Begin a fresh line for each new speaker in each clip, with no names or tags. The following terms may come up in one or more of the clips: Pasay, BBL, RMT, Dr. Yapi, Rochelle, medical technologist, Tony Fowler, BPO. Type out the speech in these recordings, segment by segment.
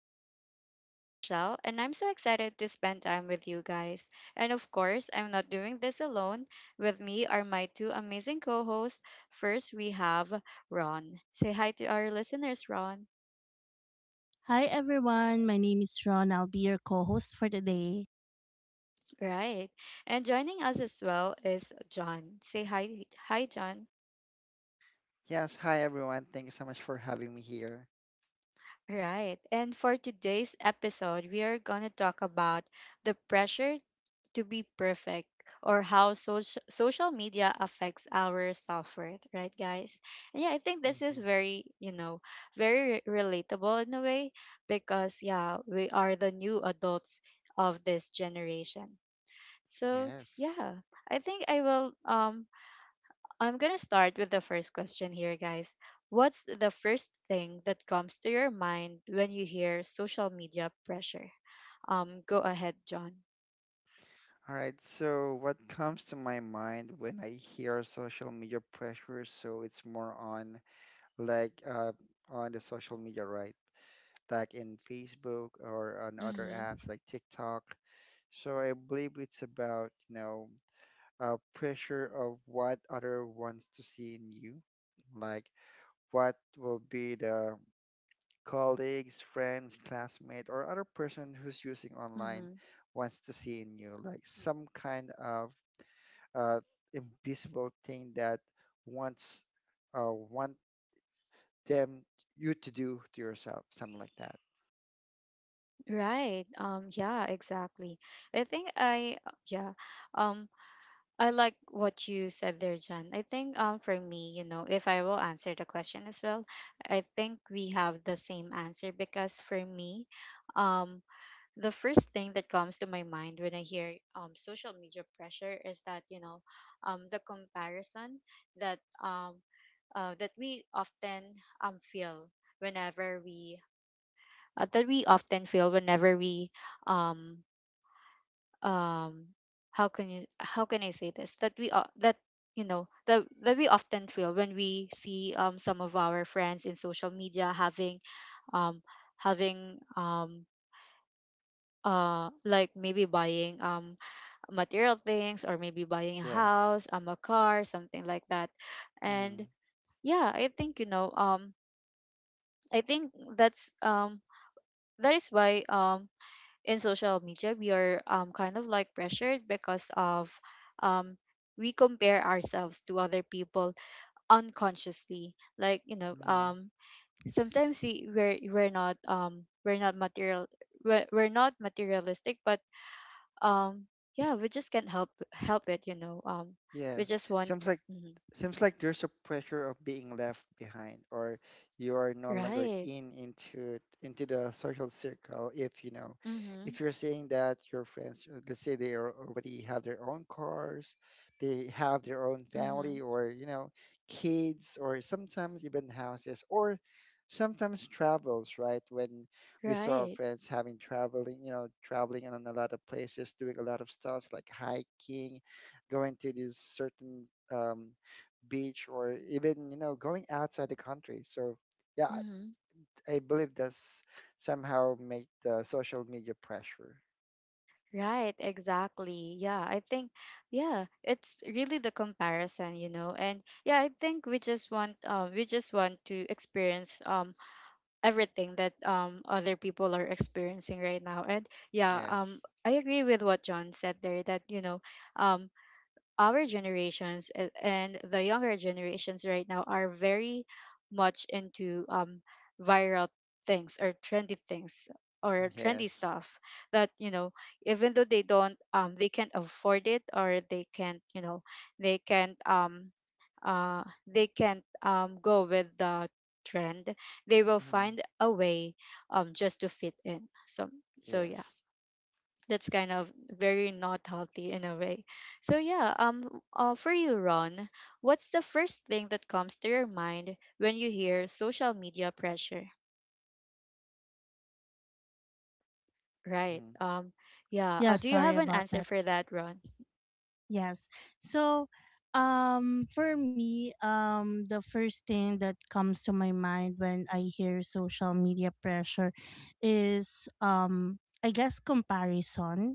your host, Rochelle, and I'm so excited to spend time with you guys. And of course, I'm not doing this alone. With me are my two amazing co hosts. First, we have Ron. Say hi to our listeners, Ron.
Hi everyone, my name is Ron. I'll be your co-host for today.
Right. And joining us as well is John. Say hi, John.
Yes, hi everyone. Thank you so much for having me here.
Right. And for today's episode, we are going to talk about the pressure to be perfect or how social media affects our self-worth, right guys? And yeah, I think this is
hmm
very, relatable in a way, because yeah, we are the new adults of this generation. So
Yes.
yeah, I think I will I'm gonna start with the first question here, guys. What's the first thing that comes to your mind when you hear social media pressure? Go ahead, John.
All right, so what comes to my mind when I hear social media pressure? So it's more on like on the social media, right? Like in Facebook or on other
Mm-hmm.
apps like TikTok. So I believe it's about, you know, pressure of what other wants to see in you, like what will be the colleagues, friends, classmate, or other person who's using online
Mm-hmm.
wants to see in you, like some kind of uh, invisible thing that wants want them you to do to yourself, something like that.
Right. Yeah, exactly. I think I yeah. Um, I like what you said there, Jen. I think for me, you know, if I will answer the question as well, I think we have the same answer, because for me, um the first thing that comes to my mind when I hear social media pressure is that, you know, the comparison that that we often feel whenever we that we often feel whenever we um um how can I say this, that that you know, that we often feel when we see some of our friends in social media having um having um like maybe buying material things, or maybe buying a
Yes.
house, a car, something like that.
Mm-hmm.
And yeah, I think, you know, I think that's that is why in social media we are kind of like pressured, because of um, we compare ourselves to other people unconsciously, like you know, sometimes we're not we're not material, we're not materialistic, but um, yeah, we just can't help it, you know. We
Yes.
just want,
Seems like
mhm.
seems like there's a pressure of being left behind or you are no longer
Right.
in into the social circle if you know
Mm-hmm.
if you're saying that your friends let's say they are already have their own cars, they have their own
Mm-hmm.
family or you know kids or sometimes even houses or sometimes travels, right? When we saw our
Right.
friends having traveling, you know, traveling in a lot of places doing a lot of stuff like hiking, going to these certain um, beach or even you know going outside the country. So yeah,
Mm-hmm.
I believe that's somehow made the social media pressure.
Right, exactly. Yeah, I think, yeah, it's really the comparison, you know. And yeah, I think we just want to experience everything that other people are experiencing right now. And yeah,
yes
I agree with what John said there, that you know, um, our generations and the younger generations right now are very much into viral things or trendy
yes
stuff, that you know, even though they don't they can't afford it, or they can't you know, they can't um they can't go with the trend, they will
hmm
find a way just to fit in. So so yeah,
yes
that's kind of very not healthy in a way. So yeah, for you, Ron, what's the first thing that comes to your mind when you hear social media pressure? Right.
hmm
Yeah.
Yeah,
Do you
sorry
have an
about
answer
that.
for that, Ron?
Yes. So, for me, the first thing that comes to my mind when I hear social media pressure is I guess comparison,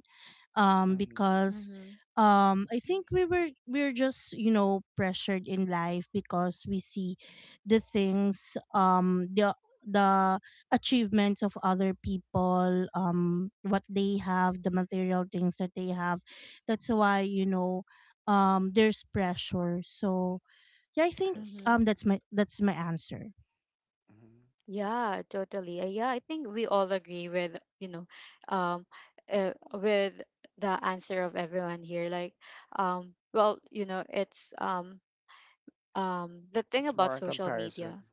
hmm
because
Mm-hmm.
I think we are just pressured in life because we see the things, the achievements of other people, what they have, the material things that they have. That's why, there's pressure. So yeah, I think
yes
Mm-hmm.
that's my answer.
hmm
Yeah, totally. Yeah, I think we all agree with, you know, um, with the answer of everyone here. Like, well, you know, it's the thing
it's
about
more a
social
comparison.
media,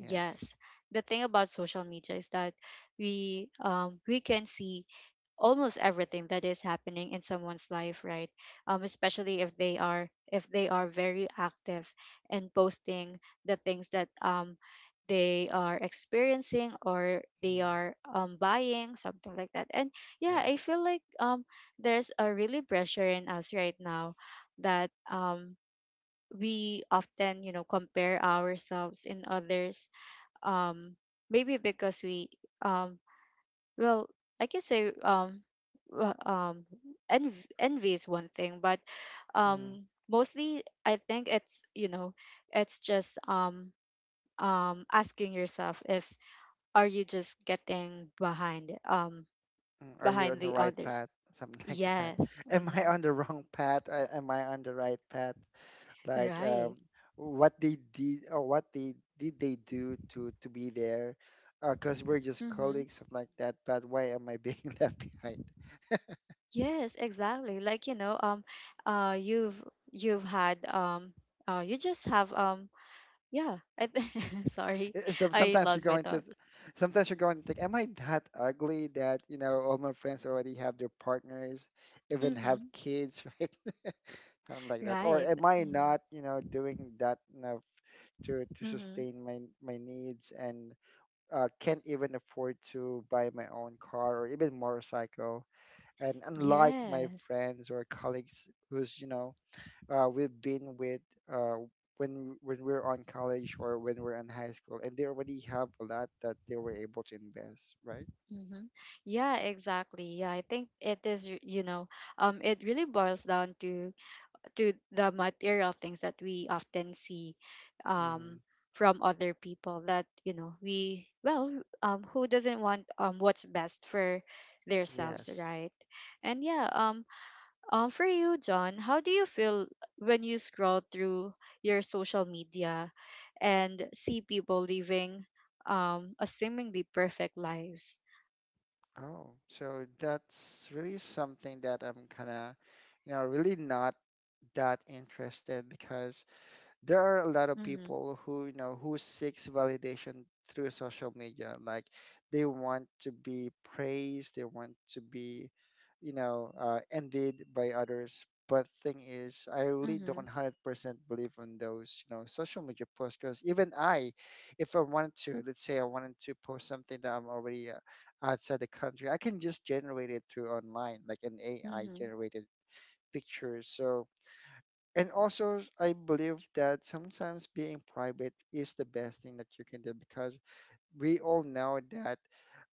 yes
the thing about social media is that we can see almost everything that is happening in someone's life, right? Especially if they are, if they are very active and posting the things that they are experiencing, or they are
hmm
buying something like that. And yeah, I
yes
feel like there's a really pressure in us right now, that we often, you know, compare ourselves in others. um Maybe because we um well, I can say, w- um envy is one thing, but
hmm
um mostly I think it's, you know, it's just asking yourself if, are you just getting behind,
Mm, are you
behind
on the
the
right
others?
path? Something like that.
Yes,
Am I
mm-hmm.
on the wrong path? Am I on the right path? Like,
Right.
what they did, or what they did they do to be there? Because we're just
Mm-hmm.
colleagues, something like that. But why am I being left behind?
Yes, exactly. Like, you know, uh, you've you've had um, you just have yeah. I th- sorry,
So
I
sometimes you're
lost my
going to,
thoughts.
sometimes you're going to think, am I that ugly that you know all my friends already have their partners, even have
Mm-hmm.
kids, right? Kind like that. Or
Right.
am I
Mm-hmm.
not, you know, doing that enough to
Mm-hmm.
sustain my my needs, and can't even afford to buy my own car or even motorcycle. And unlike my
Yes.
friends or colleagues who's, you know, we've been with uh, when we're on college or when we're in high school, and they already have a lot that they were able to invest, right?
Mm-hmm. Yeah, exactly. Yeah, I think it is, you know, it really boils down to the material things that we often see um,
hmm
from other people, that you know, we well who doesn't want what's best for themselves,
Yes.
right? And yeah, for you, John, how do you feel when you scroll through your social media and see people living a seemingly perfect lives?
Oh, so that's really something that I'm kind of, you know, really not that interested, because there are a lot of
Mm-hmm.
people who you know who seeks validation through social media. Like, they want to be praised, they want to be you know envied by others. But thing is, I really don't
Mm-hmm.
100% believe on those you know social media posts, because even I, if I wanted to, let's say I wanted to post something that I'm already outside the country, I can just generate it through online like an AI
Mm-hmm.
generated picture. So, and also, I believe that sometimes being private is the best thing that you can do, because we all know that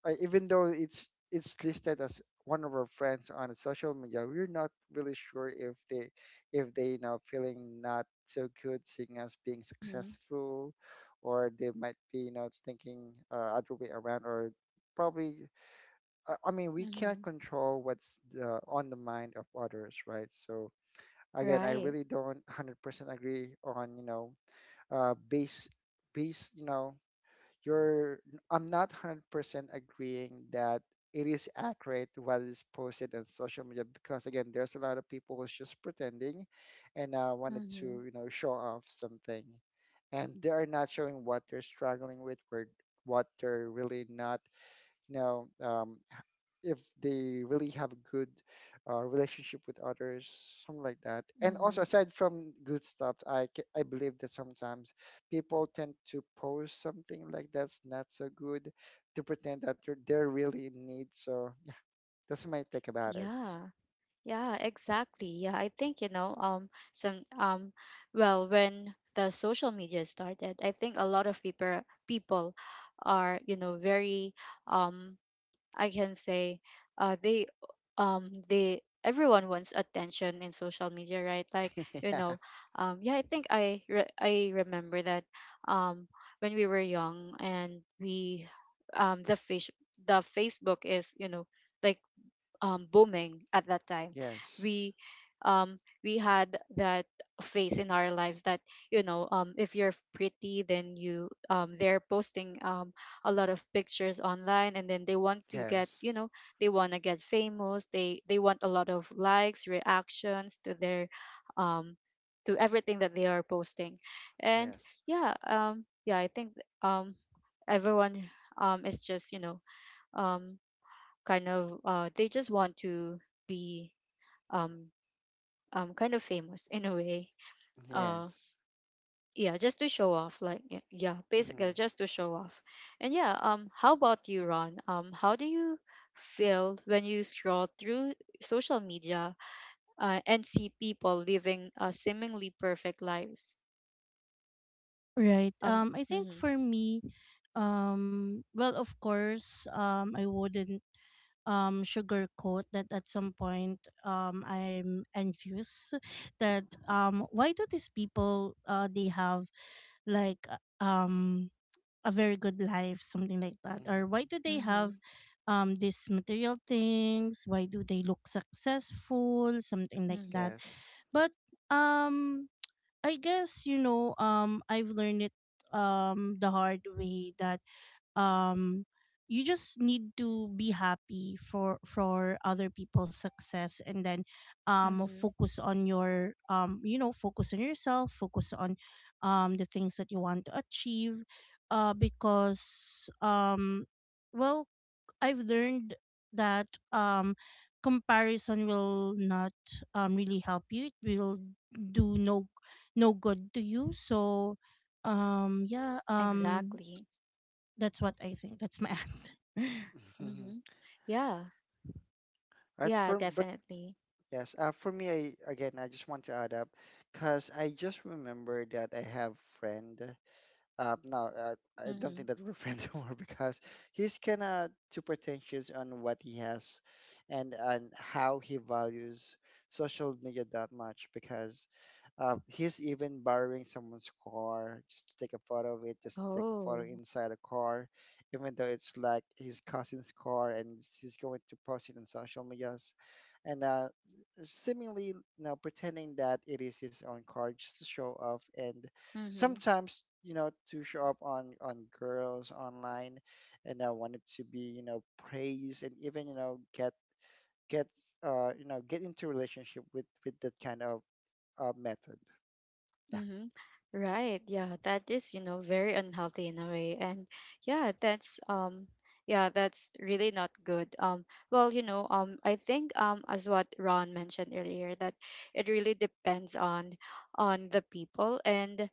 even though it's listed as one of our friends on a social media, we're not really sure if they now feeling not so good seeing us being
Mm-hmm.
successful, or they might be you know thinking other way around, or probably I mean we cannot
Mm-hmm.
control what's the, on the mind of others, right? So again, I
Right.
really don't 100% agree on, you know, uh, base, you know, your, I'm not 100% agreeing that it is accurate what is posted on social media, because, again, there's a lot of people who's just pretending and wanted to,
Mm-hmm.
you know, show off something. And they are not showing what they're struggling with, or what they're really not, you know, if they really have a good relationship with others, something like that. And also,
Mm-hmm.
aside from good stuff, I believe that sometimes people tend to post something like that's not so good to pretend that they're really in need. So yeah, that's my take about it.
Yeah. Yeah, exactly. Yeah, I think you know, well, when the social media started, I think a lot of people are, you know, very, um, I can say, uh, they, they everyone wants attention in social media, right? Like, you
Yeah.
know, yeah, I think I remember that, um, when we were young, and we, um, the face the Facebook is, you know, like booming at that time.
Yes.
We we had that phase in our lives, that you know, if you're pretty, then you they're posting a lot of pictures online, and then they want to get,
Yes.
you know, they want to get famous. They want a lot of likes, reactions to their um, to everything that they are posting, and
Yes.
yeah yeah, I think um, everyone is just, you know, um, kind of they just want to be um, kind of famous in a way, uh
Yes.
yeah, just to show off, like yeah, basically
Mm-hmm.
just to show off. And yeah, how about you, Ron, how do you feel when you scroll through social media and see people living seemingly perfect lives?
Right.
um
I think
mm-hmm.
for me, well, of course, I wouldn't sugarcoat that. At some point, I'm envious. That, why do these people, they have, like, a very good life, something like that? Or
Mm-hmm.
why do they have
Mm-hmm.
these material things? Why do they look successful, something like
Mm-hmm.
that?
Yes.
But um I guess, I've learned it the hard way that, um you just need to be happy for other people's success, and then
Mm-hmm.
focus on your, focus on yourself, focus on the things that you want to achieve, because, well, I've learned that comparison will not really help you. It will do no good to you, so yeah,
Exactly.
that's what I think. That's my answer.
Mm-hmm. Yeah.
Right.
Yeah,
For but
definitely.
yes, for me, I, again, I just want to add up because I just remember that I have friend. No, I don't
Mm-hmm.
think that we're friends anymore, because he's kind of too pretentious on what he has, and how he values social media that much, because he's even borrowing someone's car just to take a photo of it, just to take a photo
Oh.
inside a car, even though it's like his cousin's car, and he's going to post it on social medias, and seemingly you know pretending that it is his own car just to show off, and
Mm-hmm.
sometimes you know to show up on girls online, and I wanted to be you know praised and even you know get get into relationship with that kind of method. Yeah.
Mm-hmm. Right. Yeah, that is, you know, very unhealthy in a way. And yeah, that's um yeah, that's really not good. Well, you know, I think as what Ron mentioned earlier, that it really depends on the people, and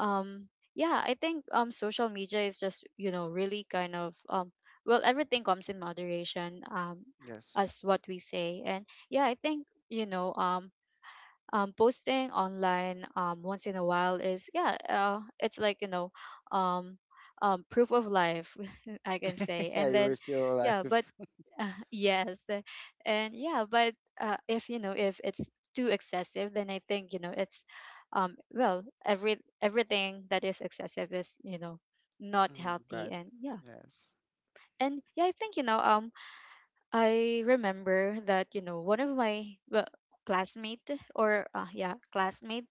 um yeah, I think social media is just, you know, really kind of well, everything comes in moderation,
Yes.
as what we say. And yeah, I think, you know, posting online once in a while is, yeah, it's like, you know, um, proof of life I can say,
Yeah,
and
you were
then
still
yeah, but
alive.
yes, and yeah, but if you know, if it's too excessive, then I think you know it's well, everything that is excessive is, you know, not
Mm-hmm.
healthy. And yeah,
Yes.
and yeah, I think, you know, I remember that, you know, one of my, well, classmate, or yeah, classmate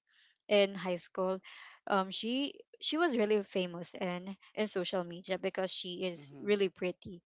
in high school, um she she was really famous in social media, because she is
Mm-hmm.
really pretty,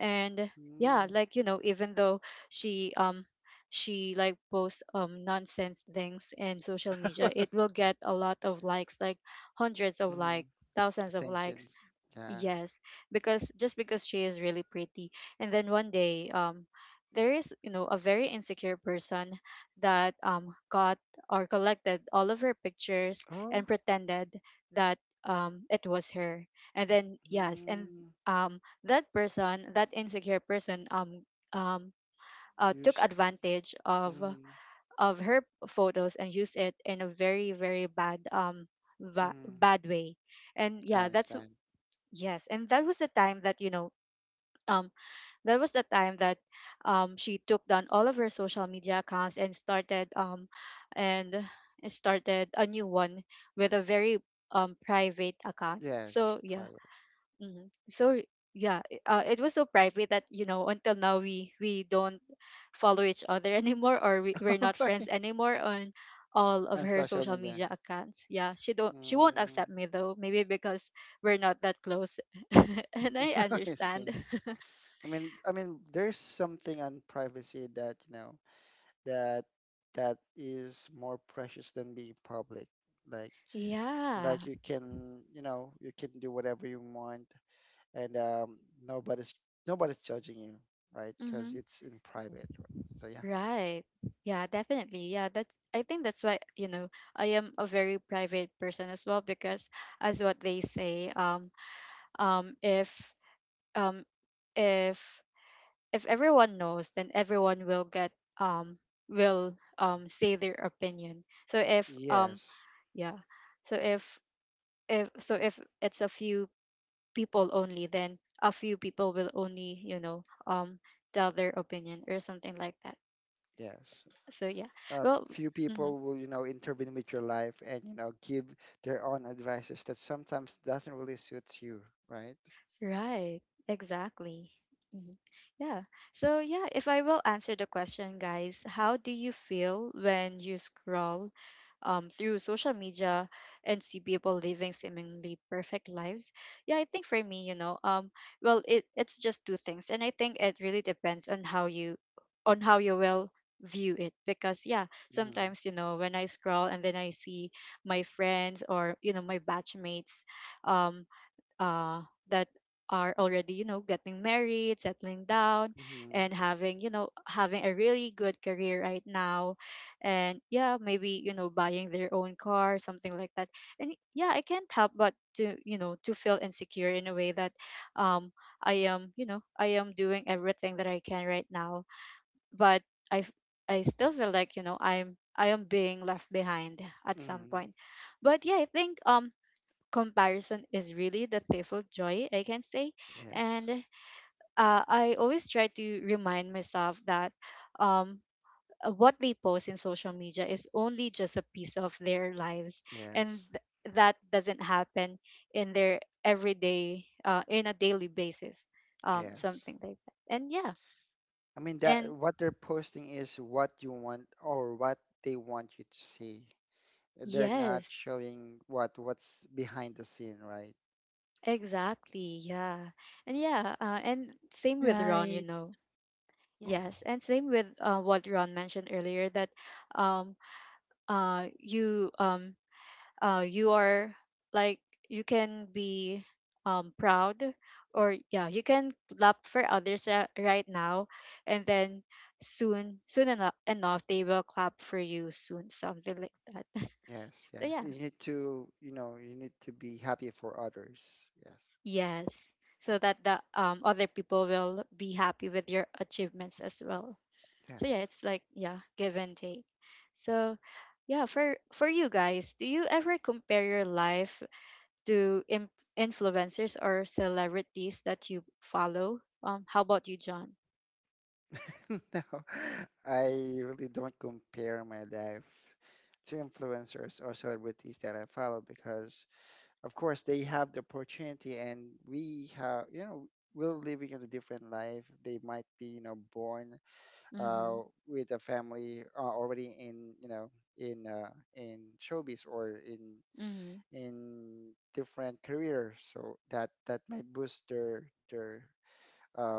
and yeah,
Mm.
like you know, even though she um she like posts nonsense things in social media, it will get a lot of likes, like hundreds of,
Mm-hmm.
like, thousands of likes.
Attentions, yeah.
Yes, because just because she is really pretty. And then one day, there is, you know, a very insecure person that got or collected all of her pictures and
Oh.
pretended that it was her. And then yes, and
Mm.
um that person, that insecure person, um
you
took
s-
advantage
Mm.
of her photos, and used it in a very very bad
Mm.
bad way. And
I
yeah, that's,
understand.
yes, and that was the time that, you know, um, that was the time that, she took down all of her social media accounts, and started a new one with a very private account.
Yes,
So yeah,
private.
hmm. So yeah, it was so private, that you know, until now we don't follow each other anymore, or we're not friends anymore on all of
And
her
social
social
media.
media accounts. Yeah, she won't
Mm.
accept me though, maybe because we're not that close. And I
I see.
understand.
I mean, there's something on privacy that, you know, that that is more precious than being public. Like,
Yeah.
like you can, you know, you can do whatever you want, and nobody's nobody's judging you, right? Because
Mm-hmm.
it's in private, right? So yeah.
Right. Yeah, definitely. Yeah, that's, I think that's why, you know, I am a very private person as well, because as what they say, if um if if everyone knows, then everyone will get um will say their opinion. So if
Yes.
yeah, so if, if it's a few people only, then a few people will only, you know, tell their opinion, or something like that.
Yes.
So yeah, well,
Few
mhm.
people will you know intervene with your life and you know give their own advices that sometimes doesn't really suit you, right?
Right, exactly. Mhm. Yeah. So, yeah, if I will answer the question, guys, how do you feel when you scroll through social media, and see people living seemingly perfect lives? Yeah, I think for me, you know, well, it's just two things, and I think it really depends on how you will view it. Because yeah,
Mm-hmm.
sometimes you know when I scroll and then I see my friends, or you know, my batchmates, um uh, that are already, you know, getting married, settling down,
Mm-hmm.
and having, you know, having a really good career right now, and yeah, maybe you know, buying their own car, something like that. And yeah, I can't help but to, you know, to feel insecure in a way that um I am, you know, I am doing everything that I can right now, but i f- I still feel like, you know, I am being left behind at some
Mm-hmm.
point. But yeah, I think comparison is really the thief of joy, I can say. And
Yes,
I always try to remind myself that um, what they post in social media is only just a piece of their lives, and
yes,
that doesn't happen in their everyday, in a daily basis,
yes.
something like that. And yeah,
I mean that
and
what they're posting is what you want or what they want you to see. They're not
yes,
showing what what's behind the scene, right?
exactly, yeah, and yeah, and same with Ron, you
Right.
know. Yes,
Yes.
and same with what Ron mentioned earlier, that um uh you um you are, like, you can be proud, or yeah, you can clap for others right now, and then soon enough they will clap for you soon, something like that.
Yes.
So
Yes,
yeah.
you need to, you know, you need to be happy for others. Yes.
Yes. So that the other people will be happy with your achievements as well. So
Yes.
yeah, it's like, yeah, give and take. So yeah, for you guys, do you ever compare your life to influencers or celebrities that you follow? How about you, John?
No, I really don't compare my life to influencers or celebrities that I follow because, of course, they have the opportunity, and we have, you know, we're living in a different life. They might be, you know, born uh,
Mm-hmm.
with a family already in, you know, in uh, in showbiz or
Mm-hmm.
in different career. So that that might boost their uh,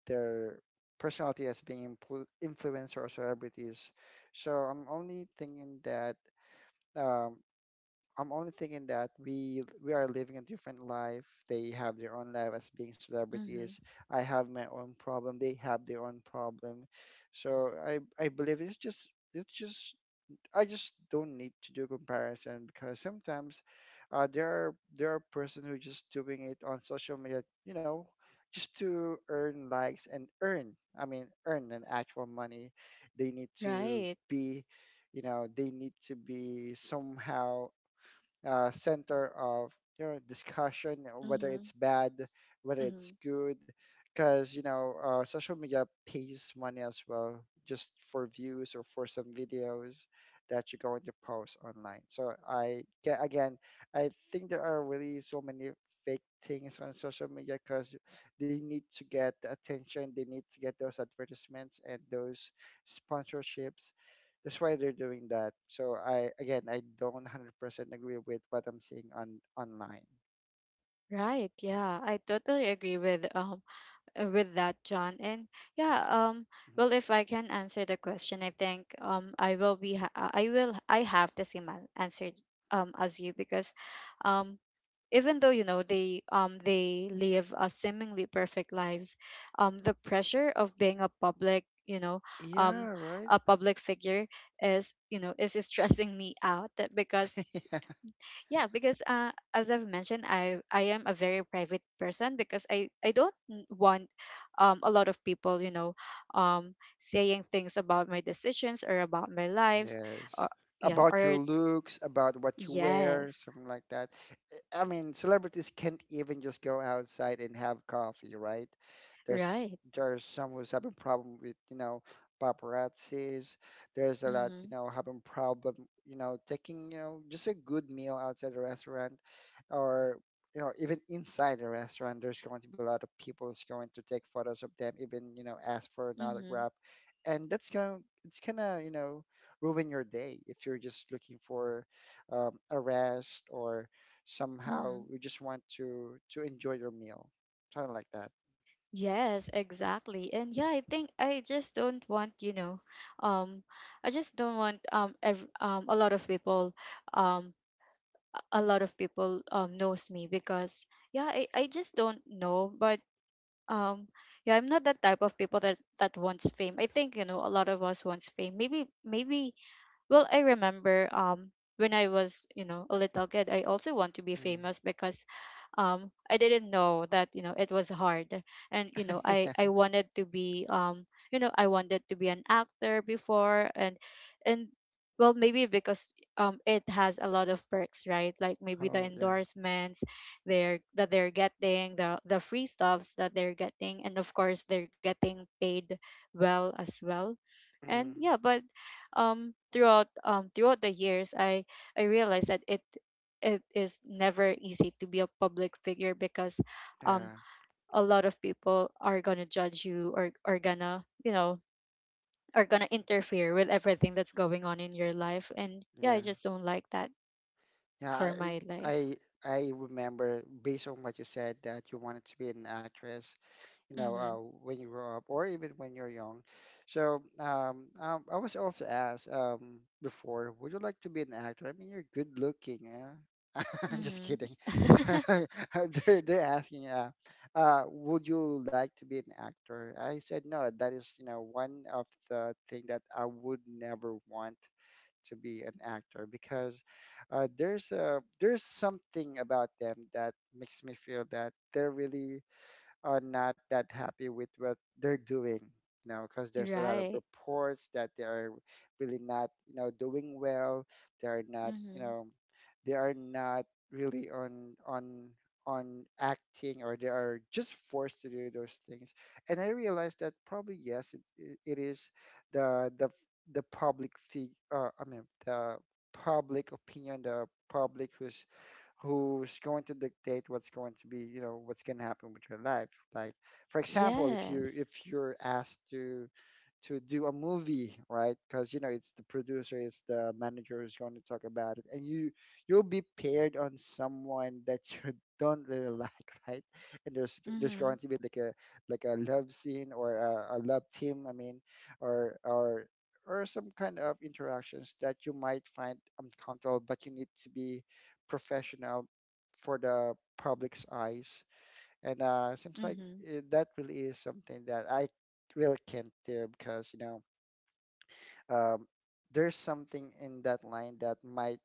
their personality as being influencer or celebrities. So I'm only thinking that um, we are living a different life. They have their own life as being celebrities.
Mm-hmm.
I have my own problem. They have their own problem. So I believe it's just it's just I just don't need to do comparison, because sometimes there are person who just doing it on social media, you know, just to earn likes and earn. I mean, earn an actual money. They need to
Right.
be, you know, they need to be somehow center of you know discussion, whether
Mm-hmm.
it's bad, whether it's
Mm-hmm.
good, because you know social media pays money as well, just for views or for some videos that you're going to post online. So again, I think there are really so many fake things on social media, because they need to get the attention, they need to get those advertisements and those sponsorships. That's why they're doing that. So I, again, I don't 100% agree with what I'm seeing on online.
Right. Yeah, I totally agree with that, John. And yeah,
Mhm.
well, if I can answer the question, I think I will be I will, I have the same answer as you. Because um even though, you know, they live a seemingly perfect lives, the pressure of being a public, you know, um
Yeah, right.
a public figure is, you know, is stressing me out. That because yeah, because as I've mentioned, I am a very private person, because I don't want a lot of people, you know, saying things about my decisions or about my lives, or
Yes.
yeah,
About your
or
looks, about what you wear,
yes,
something like that. I mean, celebrities can't even just go outside and have coffee, right? There's
right,
there's some who's having problem with, you know, paparazzis. There's a lot, you
mm-hmm,
know, having problem, you know, taking, you know, just a good meal outside the restaurant or you know, even inside the restaurant, there's going to be a lot of people who's going to take photos of them, even, you know, ask for an
mm-hmm,
autograph. And that's going, it's gonna, you know, ruin your day if you're just looking for a rest, or somehow
hmm,
you just want to enjoy your meal, something like that.
yes, exactly. And yeah, I think I just don't want, you know, um I just don't want a lot of people, um a lot of people knows me. Because yeah, I just don't know. But um yeah, I'm not that type of people that wants fame. I think, you know, a lot of us wants fame, maybe, maybe. Well, I remember when I was, you know, a little kid, I also want to be
Mm.
famous, because I didn't know that, you know, it was hard. And you know, I
Yeah.
I wanted to be you know, I wanted to be an actor before. And well, maybe because it has a lot of perks, right? Like maybe the
Oh yeah.
endorsements they're getting, the free stuffs that they're getting, and of course they're getting paid well as well. And
Mm.
yeah, but throughout throughout the years, I realized that it is never easy to be a public figure. Because um
Yeah.
a lot of people are gonna judge you, or are gonna, you know, are gonna interfere with everything that's going on in your life. And yeah, I just
Yes.
don't like that
Yeah,
for
I
my
I
life.
I remember, based on what you said, that you wanted to be an actress, you know,
Mm-hmm.
when you grow up or even when you're young. So I was also asked before, would you like to be an actor? I mean, you're good looking. Yeah? I'm just kidding.
Mm-hmm.
They're asking, would you like to be an actor? I said no. That is, you know, one of the thing that I would never want to be an actor, because there's a there's something about them that makes me feel that they're really not that happy with what they're doing. You know, because there's a lot of
Right.
reports that they are really not, you know, doing well. They are not, you
Mm-hmm.
know, they are not really on acting, or they are just forced to do those things. And I realized that probably yes, it is the f- the public fig I mean, the public opinion, the public who's going to dictate what's going to happen with your life. Like, for example, if you if
Yes.
you're asked to do a movie, right? Because, you know, it's the producer, it's the manager who's going to talk about it, and you'll be paired on someone that you don't really like, right? And there's
Mm-hmm.
going to be like a love scene, or a love team, I mean, or some kind of interactions that you might find uncomfortable, but you need to be professional for the public's eyes. And seems like
Mm-hmm.
it, that really is something that I really can't do because, um, there's something in that line that might,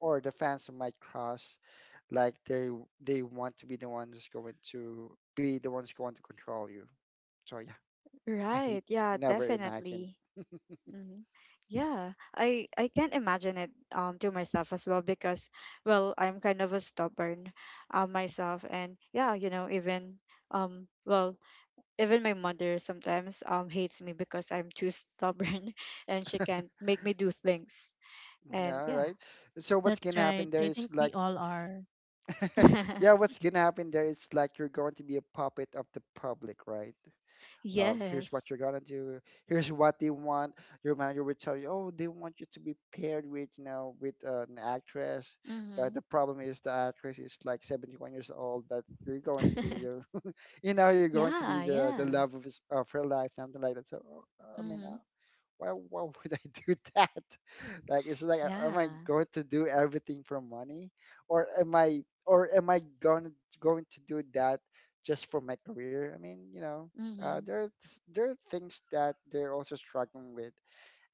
or the fans might cross, like they want to be the one who's going to be the ones going to control you. So yeah, I
Right, yeah,
never imagine.
definitely. Mhm. Yeah, I can't imagine it to myself as well. Because well, I'm kind of a stubborn myself. And yeah, you know, even well, even my mother sometimes hates me because I'm too stubborn and she can't make me do things.
Mm-hmm.
And
Yeah,
yeah.
right. So what's
That's
gonna happen
right.
there
I
is
think
like,
we all are.
yeah, what's gonna happen there is like you're going to be a puppet of the public, right? Here's what
Yes.
you're gonna do. Here's what they want. Your manager will tell you, "Oh, they want you to be paired with an actress." But
Mm-hmm.
the problem is the actress is like 71 years old. But you're going to be your, you're going to be
Yeah,
the
yeah.
love of her life, something like that. So, I mean,
Mm-hmm.
why would I do that? Like it's like am I
Yeah.
going to do everything for money? Or am I going to do that just for my career? I mean, you know,
Hmm.
there are things that they're also struggling with,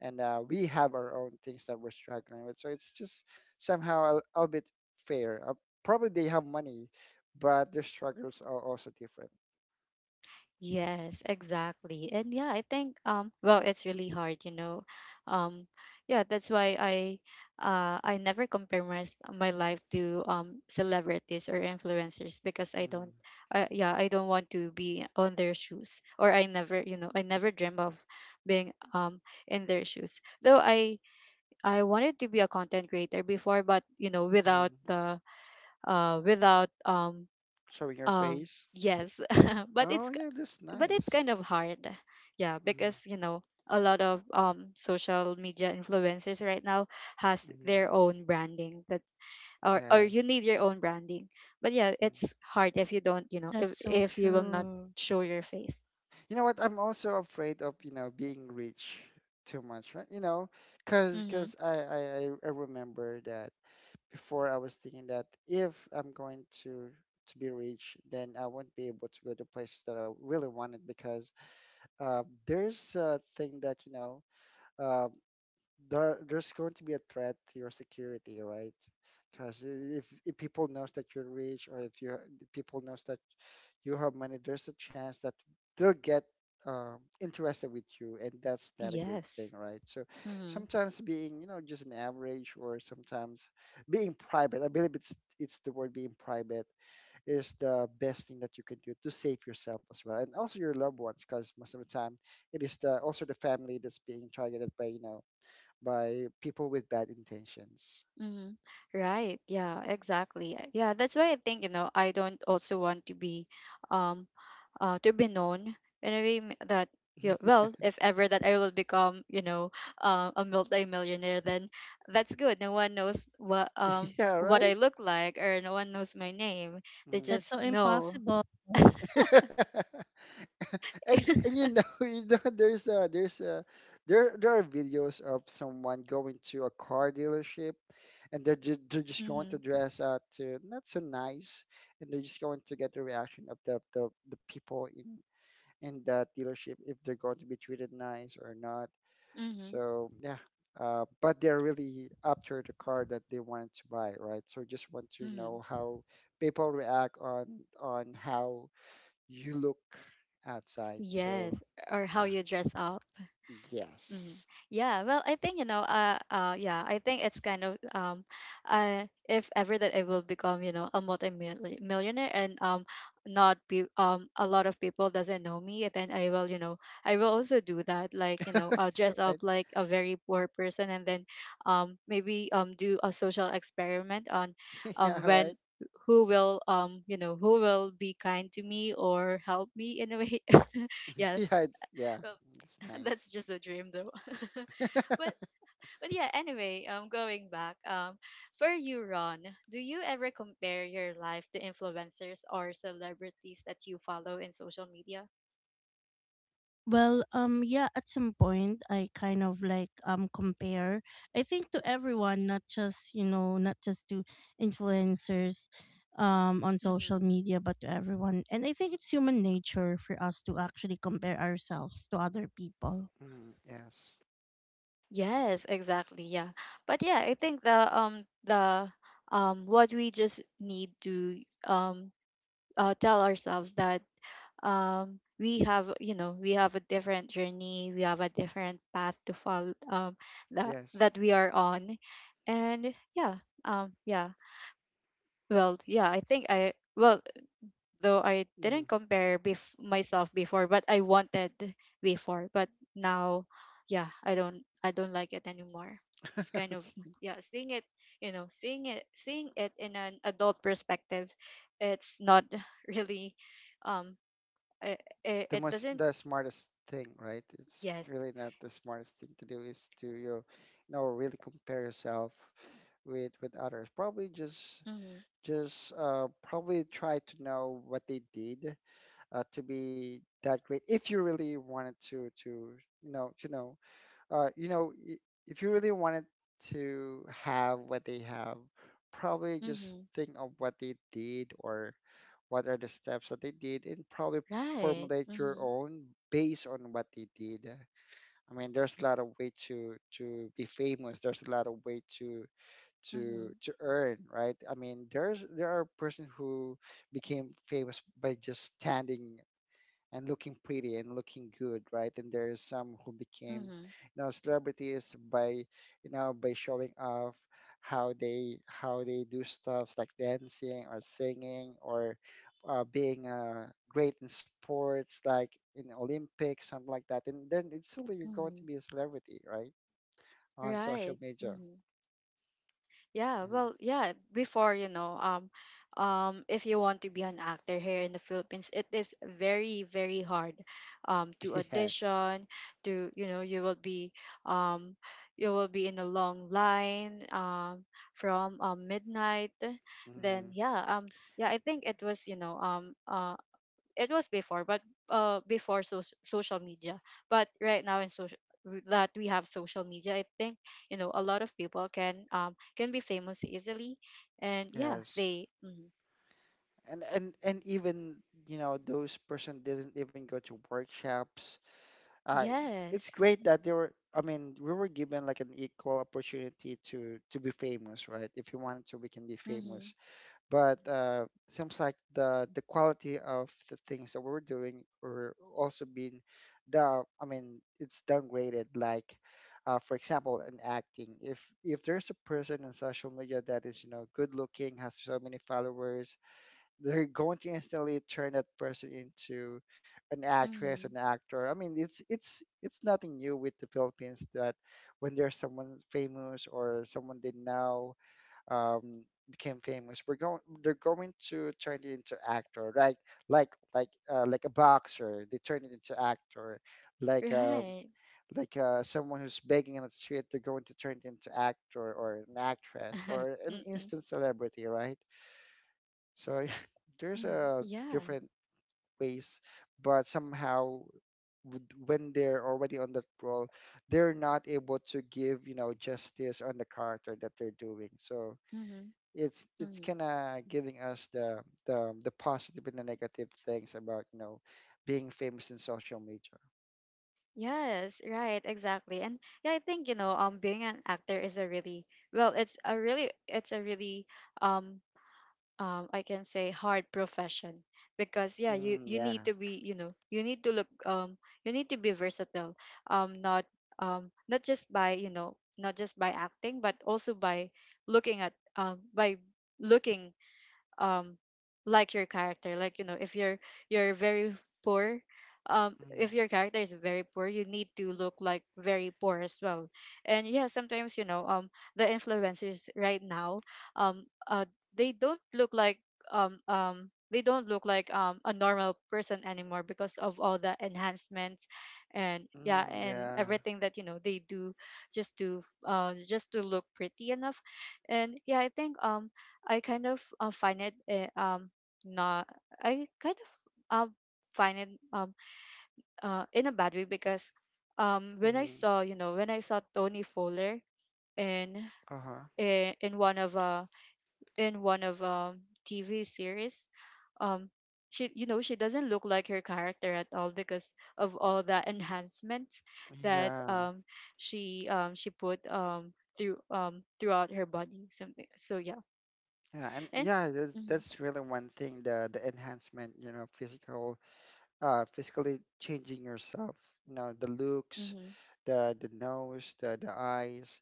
and we have our own things that we're struggling with. So it's just somehow a bit fair. Probably they have money, but their struggles are also different.
Yes, exactly. And yeah, I think well, it's really hard, you know. Um yeah, that's why I never compare my, my life to celebrities or influencers, because I
Hmm.
don't yeah, I don't want to be on their shoes, or I never, you know, I never dream of being in their shoes. Though I wanted to be a content creator before, but you know, without
Hmm.
the without
Showing your
um
face.
yes, but
Oh
it's,
yeah, that's
but it's
nice.
kind of hard. Yeah,
Mm-hmm.
because you know, a lot of social media influencers right now has
Mhm.
their own branding, that's, or you
Yes.
need your own branding. But yeah,
Mm.
it's hard if you don't, you know, if
That's so
you will not
true.
show your face.
You know what? I'm also afraid of being rich too much, right? You know, because
Mm-hmm.
cause I remember that before I was thinking that if I'm going to be rich, then I won't be able to go to places that I really wanted because uh, there's a thing that, uh, there's going to be a threat to your security, right? Because if people knows that you're rich, or if you people knows that you have money, there's a chance that they'll get interested with you, and that's not a good thing,
Yes.
right? So
Mm-hmm.
sometimes being just an average, or sometimes being private. I believe it's the word being private is the best thing that you can do to save yourself as well, and also your loved ones, because most of the time it is the also the family that's being targeted by you know by people with bad intentions.
Mm-hmm. Right, yeah, exactly. Yeah, that's why I think, you know, I don't also want um to be known in a way that you, well, if ever that I will become, you know, a multi-millionaire, then that's good. No one knows
Yeah,
what
right.
I look like, or no one knows my name. They
Mm.
That's
just
so
know.
impossible.
and and you know, you know there's a there there are videos of someone going to a car dealership, and they're just going to
Mm-hmm,
dress up to not so nice, and they're just going to get the reaction of the people in that dealership if they're going to be treated nice or not.
mm-hmm,
So yeah. But they're really after the car that they wanted to buy, right? So just want to
mm-hmm.
know how people react on how you look outside. So
Yes. Or how
yeah,
you dress up. Mm.
yes,
Yeah, well, I think you know, yeah, I think it's kind of if ever that I will become, you know, a multi-millionaire, and not be a lot of people doesn't know me, then I will, you know, I will also do that. Like, you know, I'll dress
right.
up like a very poor person, and then maybe do a social experiment on
Yeah,
when
right.
who will you know, who will be kind to me or help me in a way. Yeah.
Yeah,
Well,
it's
that's
nice.
just a dream though. but but yeah, anyway, going back, for you, Ron, do you ever compare your life to influencers or celebrities that you follow in social media?
Well, yeah, at some point I kind of like, compare, I think, to everyone, not just to influencers on
Mm-hmm.
social media, but to everyone. And I think it's human nature for us to actually compare ourselves to other people.
Mm, yes,
Yes, exactly. Yeah. But yeah, I think the what we just need to tell ourselves that we have, you know, we have a different journey, we have a different path to follow, that
yes.
we are on. And yeah, yeah. Well, yeah, I think I, well, though I didn't
Mm.
compare myself before, but I wanted before, but now, yeah, I don't, I don't like it anymore. It's kind of, yeah, seeing it, you know, seeing it in an adult perspective, it's not really um it,
the
it
most,
doesn't.
the smartest thing, right? It's
Yes.
really not the smartest thing to do is to really compare yourself with others. Probably just
Mhm.
probably try to know what they did to be that great. If you really wanted to you know you know uh, you know, i- if you really wanted to have what they have, probably just
Mhm.
think of what they did or what are the steps that they did, and probably
Right.
formulate your
Mhm.
own based on what they did. I mean, there's a lot of way to be famous. There's a lot of way to to
Mhm.
to earn, right? I mean, there are person who became famous by just standing and looking pretty and looking good, right? And there's some who became
Mhm.
celebrities by showing off how they do stuff like dancing or singing or being great in sports, like in Olympics, something like that. And then it's still you're going to
Mhm.
be a celebrity, right? On social
Right.
media.
Mhm. Yeah,
Mhm.
well, yeah, before, you know, if you want to be an actor here in the Philippines, it is very, very hard to
Yes.
audition, to, you know, um you will be in a long line from midnight. Then
Hmm.
yeah, yeah, I think it was, you know, it was before. But before social media, but right now in social, that we have social media, I think, you know, a lot of people can be famous easily. And yeah,
Yes.
they mm,
And even, you know, those person didn't even go to workshops. uh, it's
yes,
great that they were I mean we were given like an equal opportunity to be famous, right? If you wanted to, we can be
mm-hmm,
famous. But seems like the quality of the things that we're doing are also being the I mean it's downgraded, like for example in acting, if there's a person in social media that is, you know, good looking, has so many followers, they're going to instantly turn that person into an actress,
mm-hmm,
an actor. I mean, it's nothing new with the Philippines, that when there's someone famous or someone they know um, became famous, we're going they're going to turn it into actor, right? Like, like a boxer, they turn it into actor. Like,
right,
someone who's begging on the street, they're going to turn it into actor or an actress or an
mm-hmm,
instant celebrity, right? So there's
mm-hmm,
a
yeah,
different ways, but somehow when they're already on that role, they're not able to give, you know, justice on the character that they're doing. So
mm-hmm,
it's
mm-hmm.
kind of giving us the positive and the negative things about, you know, being famous in social media.
Yes, right, exactly. And yeah, I think, you know, being an actor is a really, well, it's a really, it's a really um I can say, hard profession. Because yeah, you
Mm,
you
yeah.
need to be, you know, you need to look you need to be versatile, not, not just by, you know, not just by acting, but also by looking at, by looking um like your character. Like, you know, if you're, you're very poor,
Mm,
if your character is very poor, you need to look like very poor as well. And yeah, sometimes, you know, the influencers right now, um uh they don't look like they don't look like a normal person anymore, because of all the enhancements. And yeah,
mm,
and
yeah.
everything that, you know, they do just to, just to look pretty enough. And yeah, I think I kind of find it not, I kind of uh, find it in a bad way. Because when I
Mm,
saw, you know, when I saw Tony Fowler in,
uh-huh.
in, in one of uh in one of TV series, um she, you know, she doesn't look like her character at all, because of all the enhancements that
Yeah.
she put through throughout her body, something. So yeah,
Yeah, and
and
yeah, that's
mm-hmm,
that's really one thing, the enhancement, you know, physical physically changing yourself. You know, the looks,
mm-hmm,
the nose, the eyes.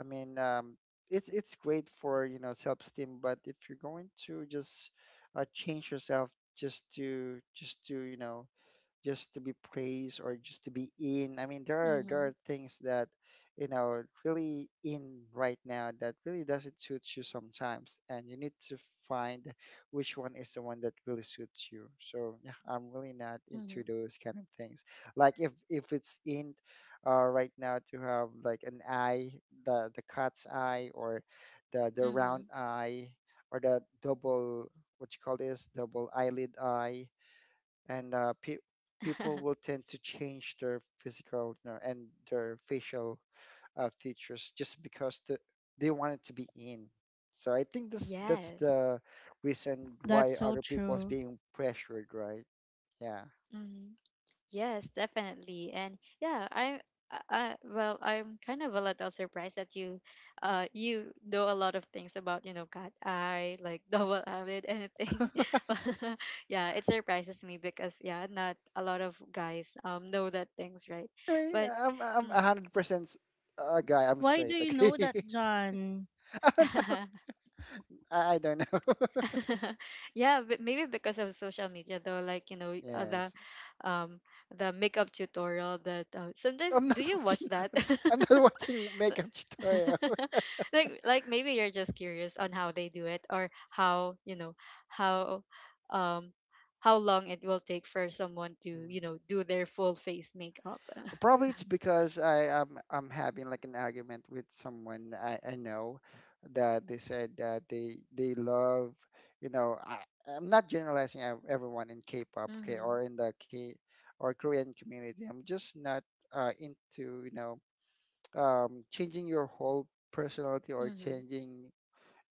I mean, it's great for self esteem, but if you're going to just change yourself just to just to you know just to be praised or just to be in. I mean, there are
mm-hmm.
things that, you know, really in right now that really doesn't suit you sometimes, and you need to find which one is the one that really suits you. So yeah, I'm really not
Mm-hmm.
into those kind of things. Like, if it's in right now to have like an eye, the cat's eye or the round
Mm-hmm.
eye or the double, what you call this, double eyelid eye, and people will tend to change their physical, and their facial features just because they want it to be in. So I think this that's
Yes.
the reason
That's
why
so
other people is
true.
being pressured, right? Yeah.
Mm-hmm. Yes, definitely. And yeah, I, well, I'm kind of a little surprised that you you know a lot of things about, you know, cat eye, like double-eyelid, anything. But yeah, it surprises me because, yeah, not a lot of guys know that things, right?
Really,
But
I'm a
mm,
hundred percent a guy. I'm
Why do
straight.
you know
Okay.
that, John?
I don't know. I don't know.
yeah, but maybe because of social media, though, like you know,
Yes,
um the makeup tutorial that sometimes
I'm not
do you watch
watching.
that?
I'm not watching makeup tutorial.
Like maybe you're just curious on how they do it, or how you know how um how long it will take for someone to,
Mm.
you know, do their full face makeup.
Probably it's because I am I'm having like an argument with someone I know that they said that they love, you know. I'm not generalizing everyone in K-pop, okay,
Mm-hmm.
or in the K or Korean community. I'm just not into changing your whole personality or
Mm-hmm.
changing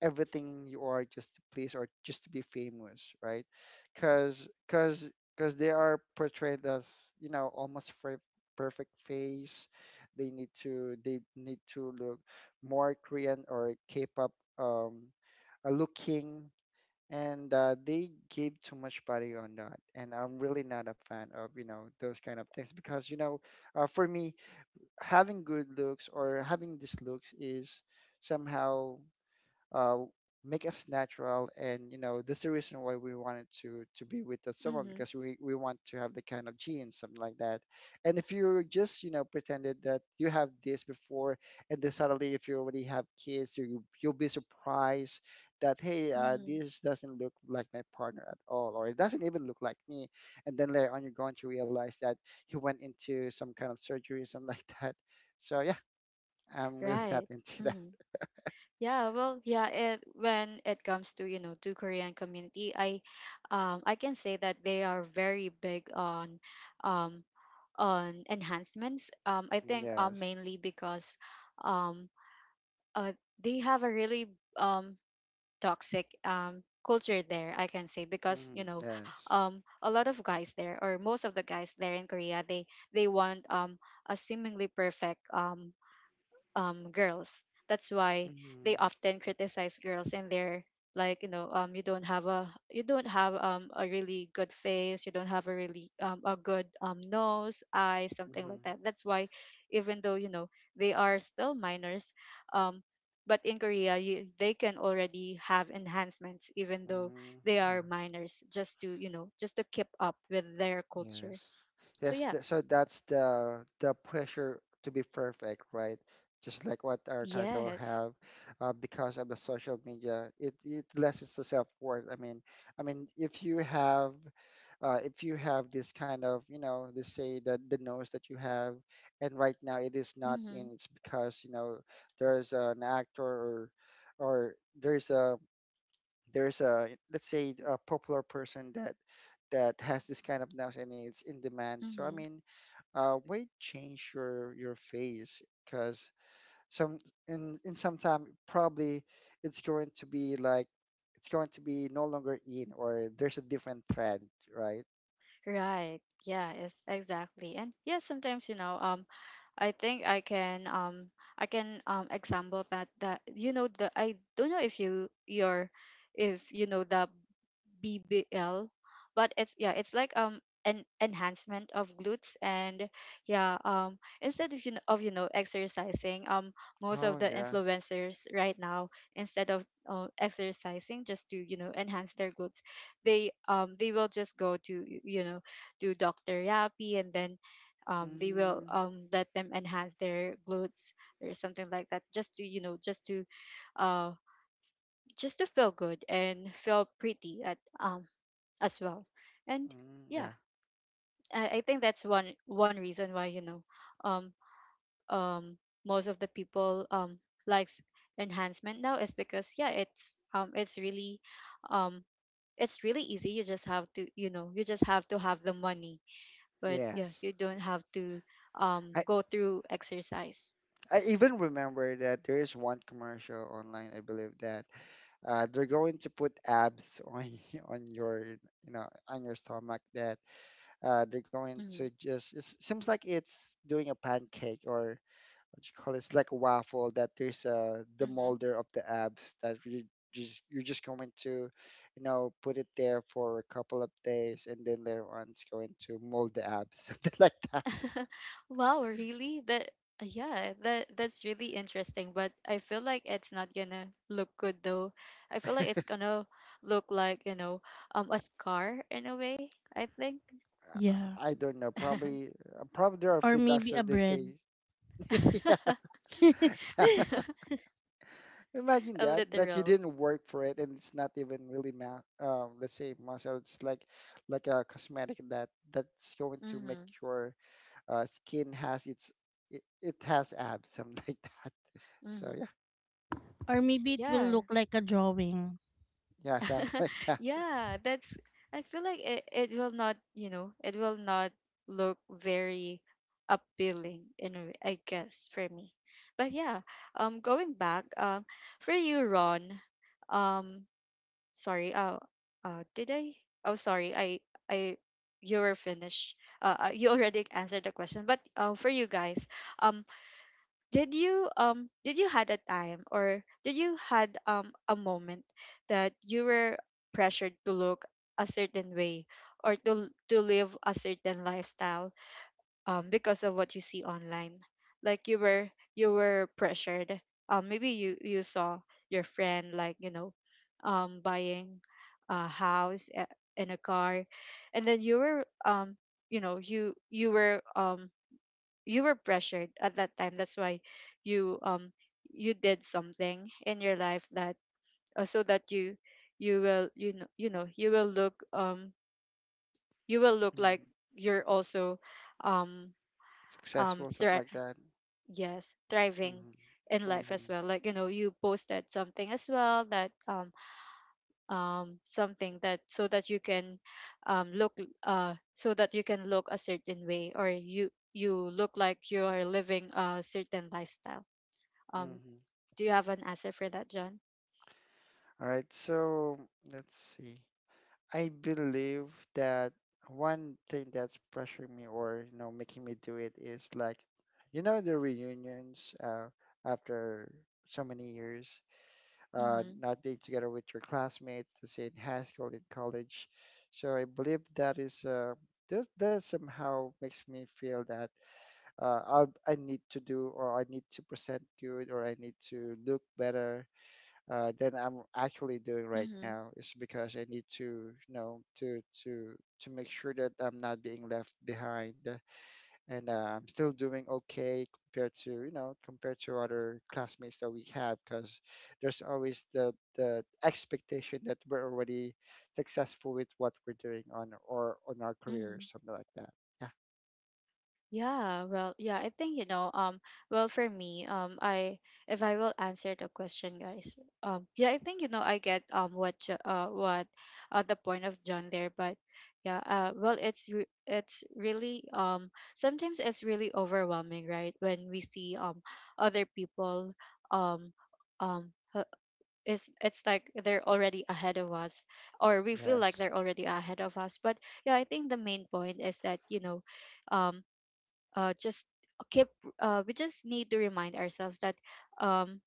everything you are just to please or just to be famous, right? Because because because they are portrayed as, you know, almost perfect face. They need to look more Korean or K-pop um, looking, and they gave too much body on that. And I'm really not a fan of those kind of things because for me, having good looks or having these looks is somehow, uh, make us natural. And you know that's the reason why we wanted to be with that someone,
Mm-hmm.
because we want to have the kind of genes, something like that. And if you just, you know, pretended that you have this before, and then suddenly if you already have kids, you'll be surprised that, hey,
Mm-hmm.
this doesn't look like my partner at all, or it doesn't even look like me. And then later on you're going to realize that he went into some kind of surgery, something like that. So yeah, I'm really not
Right.
into that.
Mm-hmm. Yeah, well, yeah, it when it comes to, you know, to Korean community, I can say that they are very big um on enhancements. I think
Yes.
mainly because um uh they have a really um toxic culture there, I can say, because you
Mm-hmm.
know
Yes.
a lot of guys there, or most of the guys there in Korea, they want a seemingly perfect girls. That's why they
Mm-hmm.
often criticize girls, and they're like, you know, you don't have a you don't have a really good face, you don't have a really a good nose, eyes, something
Mm-hmm.
like that. That's why, even though, you know, they are still minors, um, but in Korea, they can already have enhancements, even though
Mm-hmm.
they are
Yeah.
minors, just to, you know, just to keep up with their culture.
Yes.
So
Yes.
yeah.
Th so that's the pressure to be perfect, right? Just like what our title
Yes.
have, because of the social media, it lessens the self-worth. I mean, if you have this kind of, you know, they say that the nose that you have, and right now it is not in, it's because, you know, there's an actor, or there's a there's a, let's say, a popular person that that has this kind of nose and it's in demand. So I
Mm-hmm.
mean, why change your face? Because some, in some time, probably it's going to be like it's going to be no longer in, or there's a different trend, right?
Right. Yeah, it's exactly. And yeah, sometimes, you know, I think I can example that you know the I don't know if you your if you know the BBL, but it's, yeah, it's like an enhancement of glutes. And yeah um instead of, you know, exercising, most
Oh
of the
yeah.
influencers right now, instead of exercising just to, you know, enhance their glutes, they will just go to to Dr. Yapi, and then they will
Mm.
let them enhance their glutes, or something like that, just to, you know, uh just to feel good and feel pretty, at as well. And
Mm,
yeah,
yeah.
I think that's one reason why, you know, um um most of the people likes enhancement now, is because, yeah, it's really um easy. You just have to, you know, you just have to have the money, but yeah,
Yes.
you don't have to
I,
go through exercise.
I even remember that there is one commercial online, I believe, that they're going to put abs on on your, you know, on your stomach. That they're going
Mm-hmm.
to just, it seems like it's doing a pancake, or what you call it, it's like a waffle, that there's, the
Mm-hmm.
molder of the abs that you just, you're just going to, you know, put it there for a couple of days, and then later on it's going to mold the abs something like that.
Wow, really? That's really interesting, but I feel like it's not gonna look good, though. I feel like it's gonna look like, you know, a scar in a way, I think.
Yeah.
I don't know. Probably, probably there are
Or
feedbacks
maybe a
that they
bread.
say, yeah, so- Imagine
A
that that you
literal.
didn't work for it, and it's not even really let's say muscle. It's like a cosmetic that that's going to make
Mhm.
your skin has its, it has abs, something like that. So
Mhm.
yeah,
Or maybe it will
Yeah.
look like a drawing.
yeah, something like that.
Yeah, that's I feel like it will not, you know, it will not look very appealing in a way, I guess, for me. But yeah, going back, for you, Ron, um sorry, did I, oh sorry, I you were finished. You already answered the question, but for you guys, um, did you did you had a time, or did you had a moment that you were pressured to look a certain way, or to live a certain lifestyle because of what you see online? Like you were pressured. Maybe you saw your friend, like, you know, buying a house and a car, and then you know you were pressured at that time, that's why you um you did something in your life, that so that you know you will look,
Mm.
like you're also, um um
Successful, something
thri-
like that.
yes, thriving
Mm-hmm.
in life as
Mm-hmm.
well, like, you know, you posted something as well, that something, that so that you can look, so that you can look a certain way, or you look like you are living a certain lifestyle. Um,
Mm-hmm.
do you have an answer for that, John?
All right, so let's see. I believe that one thing that's pressuring me, or you know, making me do it, is like, you know, the reunions, after so many years,
Mm-hmm.
not being together with your classmates, to say, in high school, in college. So I believe that is that, that somehow makes me feel that, I need to do, or I need to present good, or I need to look better, than I'm actually doing right
Mm-hmm.
now, is because I need to, you know, to to make sure that I'm not being left behind, and I'm still doing okay, compared to, you know, compared to other classmates that we have, because there's always the expectation that we're already successful with what we're doing on, or on our career,
Mm-hmm.
or something like that. Yeah.
Yeah, well, yeah, I think, you know, well, for me, I, if I will answer the question, guys, yeah, I think, you know, I get what what the point of John there, but yeah, well, it's really sometimes it's really overwhelming, right? When we see other people, um um uh, is it's like they're already ahead of us, or we feel like
Yes.
they're already ahead of us, but yeah, I think the main point is that, you know, um just keep, we just need to remind ourselves that, um,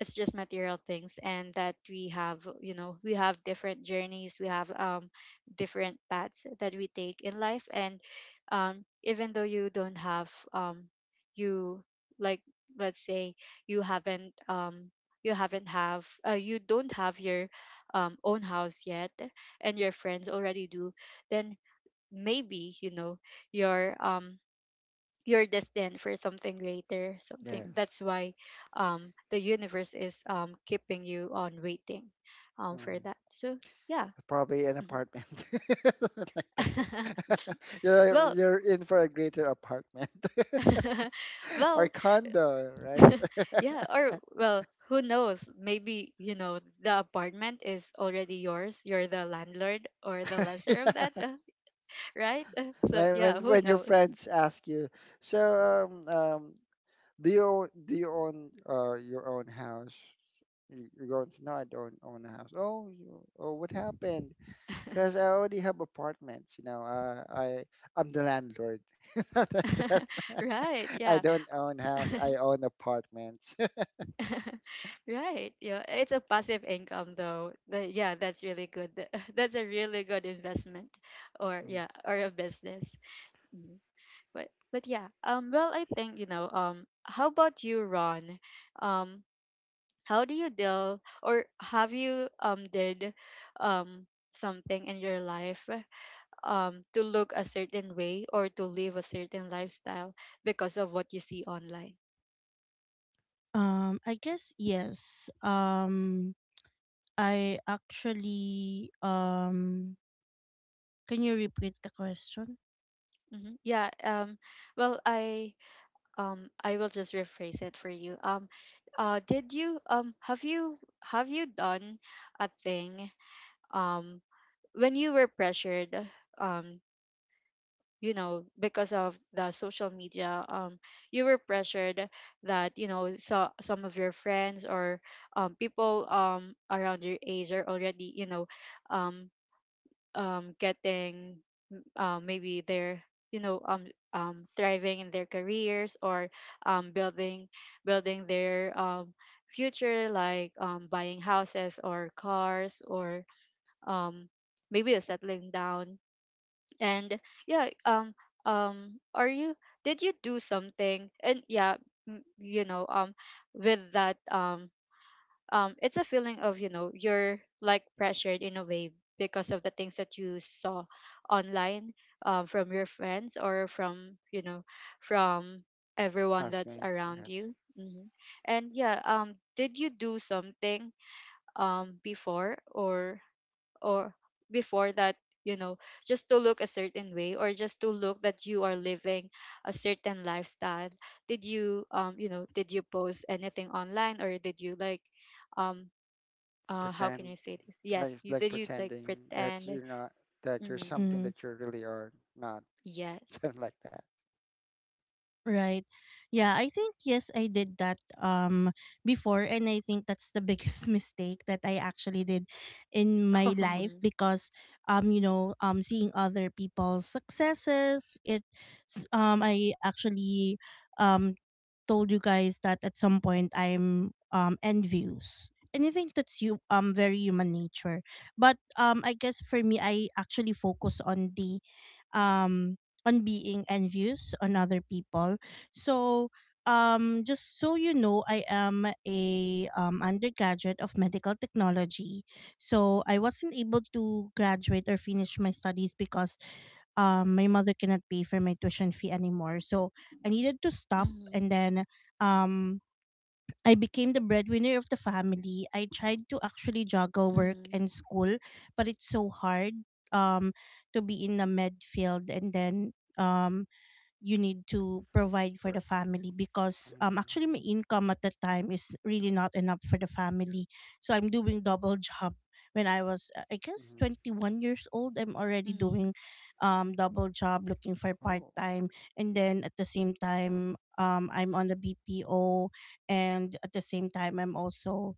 it's just material things, and that we have, you know, we have different journeys, we have different paths that we take in life. And even though you don't have, you, like, let's say, you haven't um, you haven't have, you don't have your own house yet, and your friends already do, then maybe, you know, your you're destined for something greater, something,
Yes.
that's why the universe is keeping you on waiting for that. So yeah.
Probably an
Mhm.
apartment. Like that.
Well.
You're in for a greater apartment or
Well.
condo, right?
Yeah, or well, who knows, maybe, you know, the apartment is already yours, you're the landlord or the lesser of that.
Yeah.
Right. So
When when
yeah, who
when your
knows.
friends ask you, so um, um, do you own your own house? You- You're going to, no, I don't own a house. Oh, you, oh, what happened? Because I already have apartments. You know, I'm the landlord. Not Like that.
Right.
I
Yeah.
don't own house. I own apartments.
Right. Yeah, it's a passive income, though. But yeah, that's really good. That's a really good investment, or
Mm,
yeah, or a business. Mhm. But yeah, well, I think, you know, how about you, Ron? Um how do you deal, or have you did something in your life to look a certain way or to live a certain lifestyle because of what you see online?
I guess yes. I actually can you repeat the question?
Hmm. Yeah, well, I, I will just rephrase it for you. Um, did you, have you, have you done a thing um when you were pressured, um you know, because of the social media, you were pressured, that, you know, so some of your friends, or people around your age are already, you know, um getting, maybe they're, you know, thriving in their careers, or building, their future, like buying houses or cars, or um maybe a settling down, and yeah, are you, did you do something, and yeah, you know, with that, it's a feeling of, you know, you're like pressured in a way because of the things that you saw online, from your friends, or from, you know, from everyone that's
classmates,
around
yes.
you. Hmm. And yeah, did you do something before, or or before that, you know, just to look a certain way, or just to look that you are living a certain lifestyle? Did you, you know, did you post anything online, or did you, like, um how can
Pretend,
I say this?
like
Yes,
it's
you,
like
did you like
pretending that
pretend?
you're not, that you're
Mm-hmm.
something
Mm.
that you really are not.
Yes.
Something like that.
Right. Yeah, I think yes, I did that before, and I think that's the biggest mistake that I actually did in my life,
Mm-hmm.
because seeing other people's successes, I actually, um told you guys that at some point I'm envious. And I think that's you very human nature. But I guess for me, I actually focus um on being envious on other people. So, just so you know, I am a, undergraduate of medical technology. So I wasn't able to graduate or finish my studies because, my mother cannot pay for my tuition fee anymore. So I needed to stop.
Mm-hmm.
And then, um, I became the breadwinner of the family. I tried to actually juggle work
Mm-hmm.
and school, but it's so hard, um, to be in the med field, and then, um, you need to provide for the
Or-
family, because
Mhm,
actually my income at the time is really not enough for the family. So I'm doing double job. When I was, I guess,
mhm.
21 years old, I'm already
Mm-hmm.
doing double job, looking for part
Oh.
time. And then at the same time, I'm on the BPO, and at the same time I'm also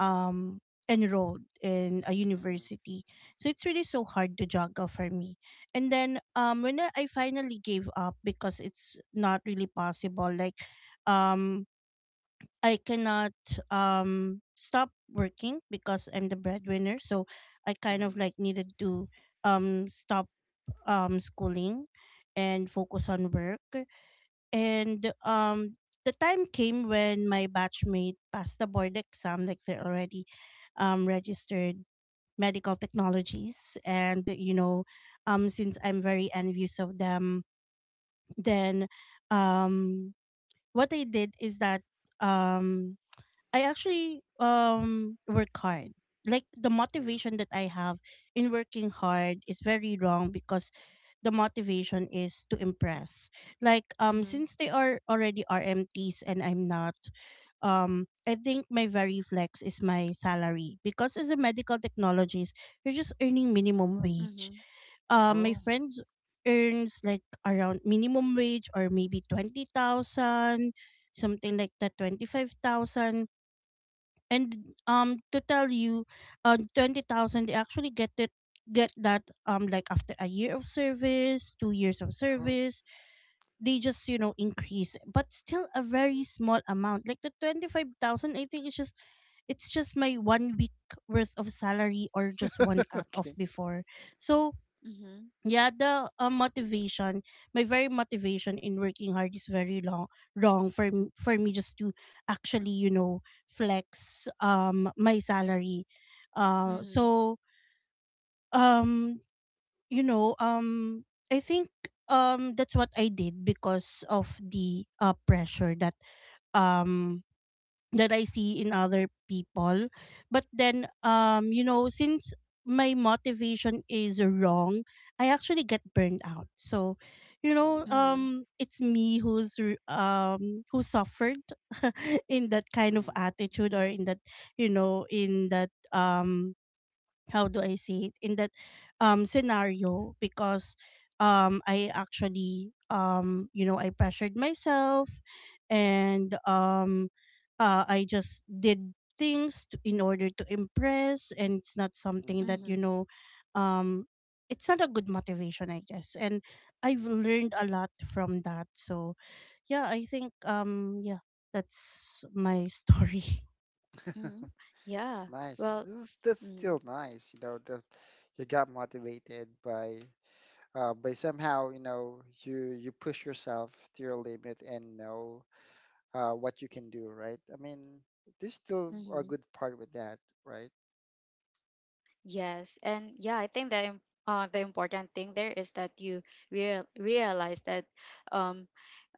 um enrolled in a
Mhm,
university. So it's really so hard to juggle for me. And then when I finally gave up, because it's not really possible. Like, um I cannot stop working, because I'm the breadwinner. So I kind of
mhm,
like needed to stop schooling, and focus on work. And the time came when my batchmate passed the board exam. Like, they're already registered medical technologies, and since I'm very envious of them, then, um what I did is that, um I actually work hard. Like, the
mhm.
motivation that I have in working hard is very wrong, because the motivation is to impress. Like,
Mm-hmm.
since they are already RMTs and I'm not, I think my very flex is my salary, because as a medical technologist you're just earning minimum wage.
Mm-hmm.
My
Oh.
friends earns like around minimum wage, or maybe 20,000, something like that, 25,000. And, to tell you, 20,000 they actually get that, like, after a year of service, 2 years of
Oh.
service. They just increase, but still a very small amount. Like the 25,000, I think it's just my one week worth of salary, or just one cut off
Okay.
before. So
Mm-hmm.
yeah, the motivation my very motivation in working hard is very long wrong for me just to actually flex my salary. uh
Mm-hmm.
so um you know um I think, that's what I did because of the pressure um that I see in other people. But then, since my motivation is wrong, I actually get burned out. So,
Mhm,
Mm-hmm.
it's me who suffered in that kind of
mhm,
attitude, or in that, you know, in that um how do I say it, in that scenario, because I actually, I pressured myself. And I just did things in order to impress. And it's not something
mhm,
that you
Mm-hmm.
know um it's not a good motivation, I guess. And I've
mhm.
learned a lot from that. So yeah, I think, yeah, that's my story.
Mm-hmm. Yeah.
It's nice.
Well,
That's
mm-hmm.
still nice, you know, that you got motivated by somehow, you know, you push yourself to your limit and know what you can do, right? I mean, there's still a
Mm-hmm.
good part with that, right?
Yes. And yeah, I think the the important thing there is that you realize that um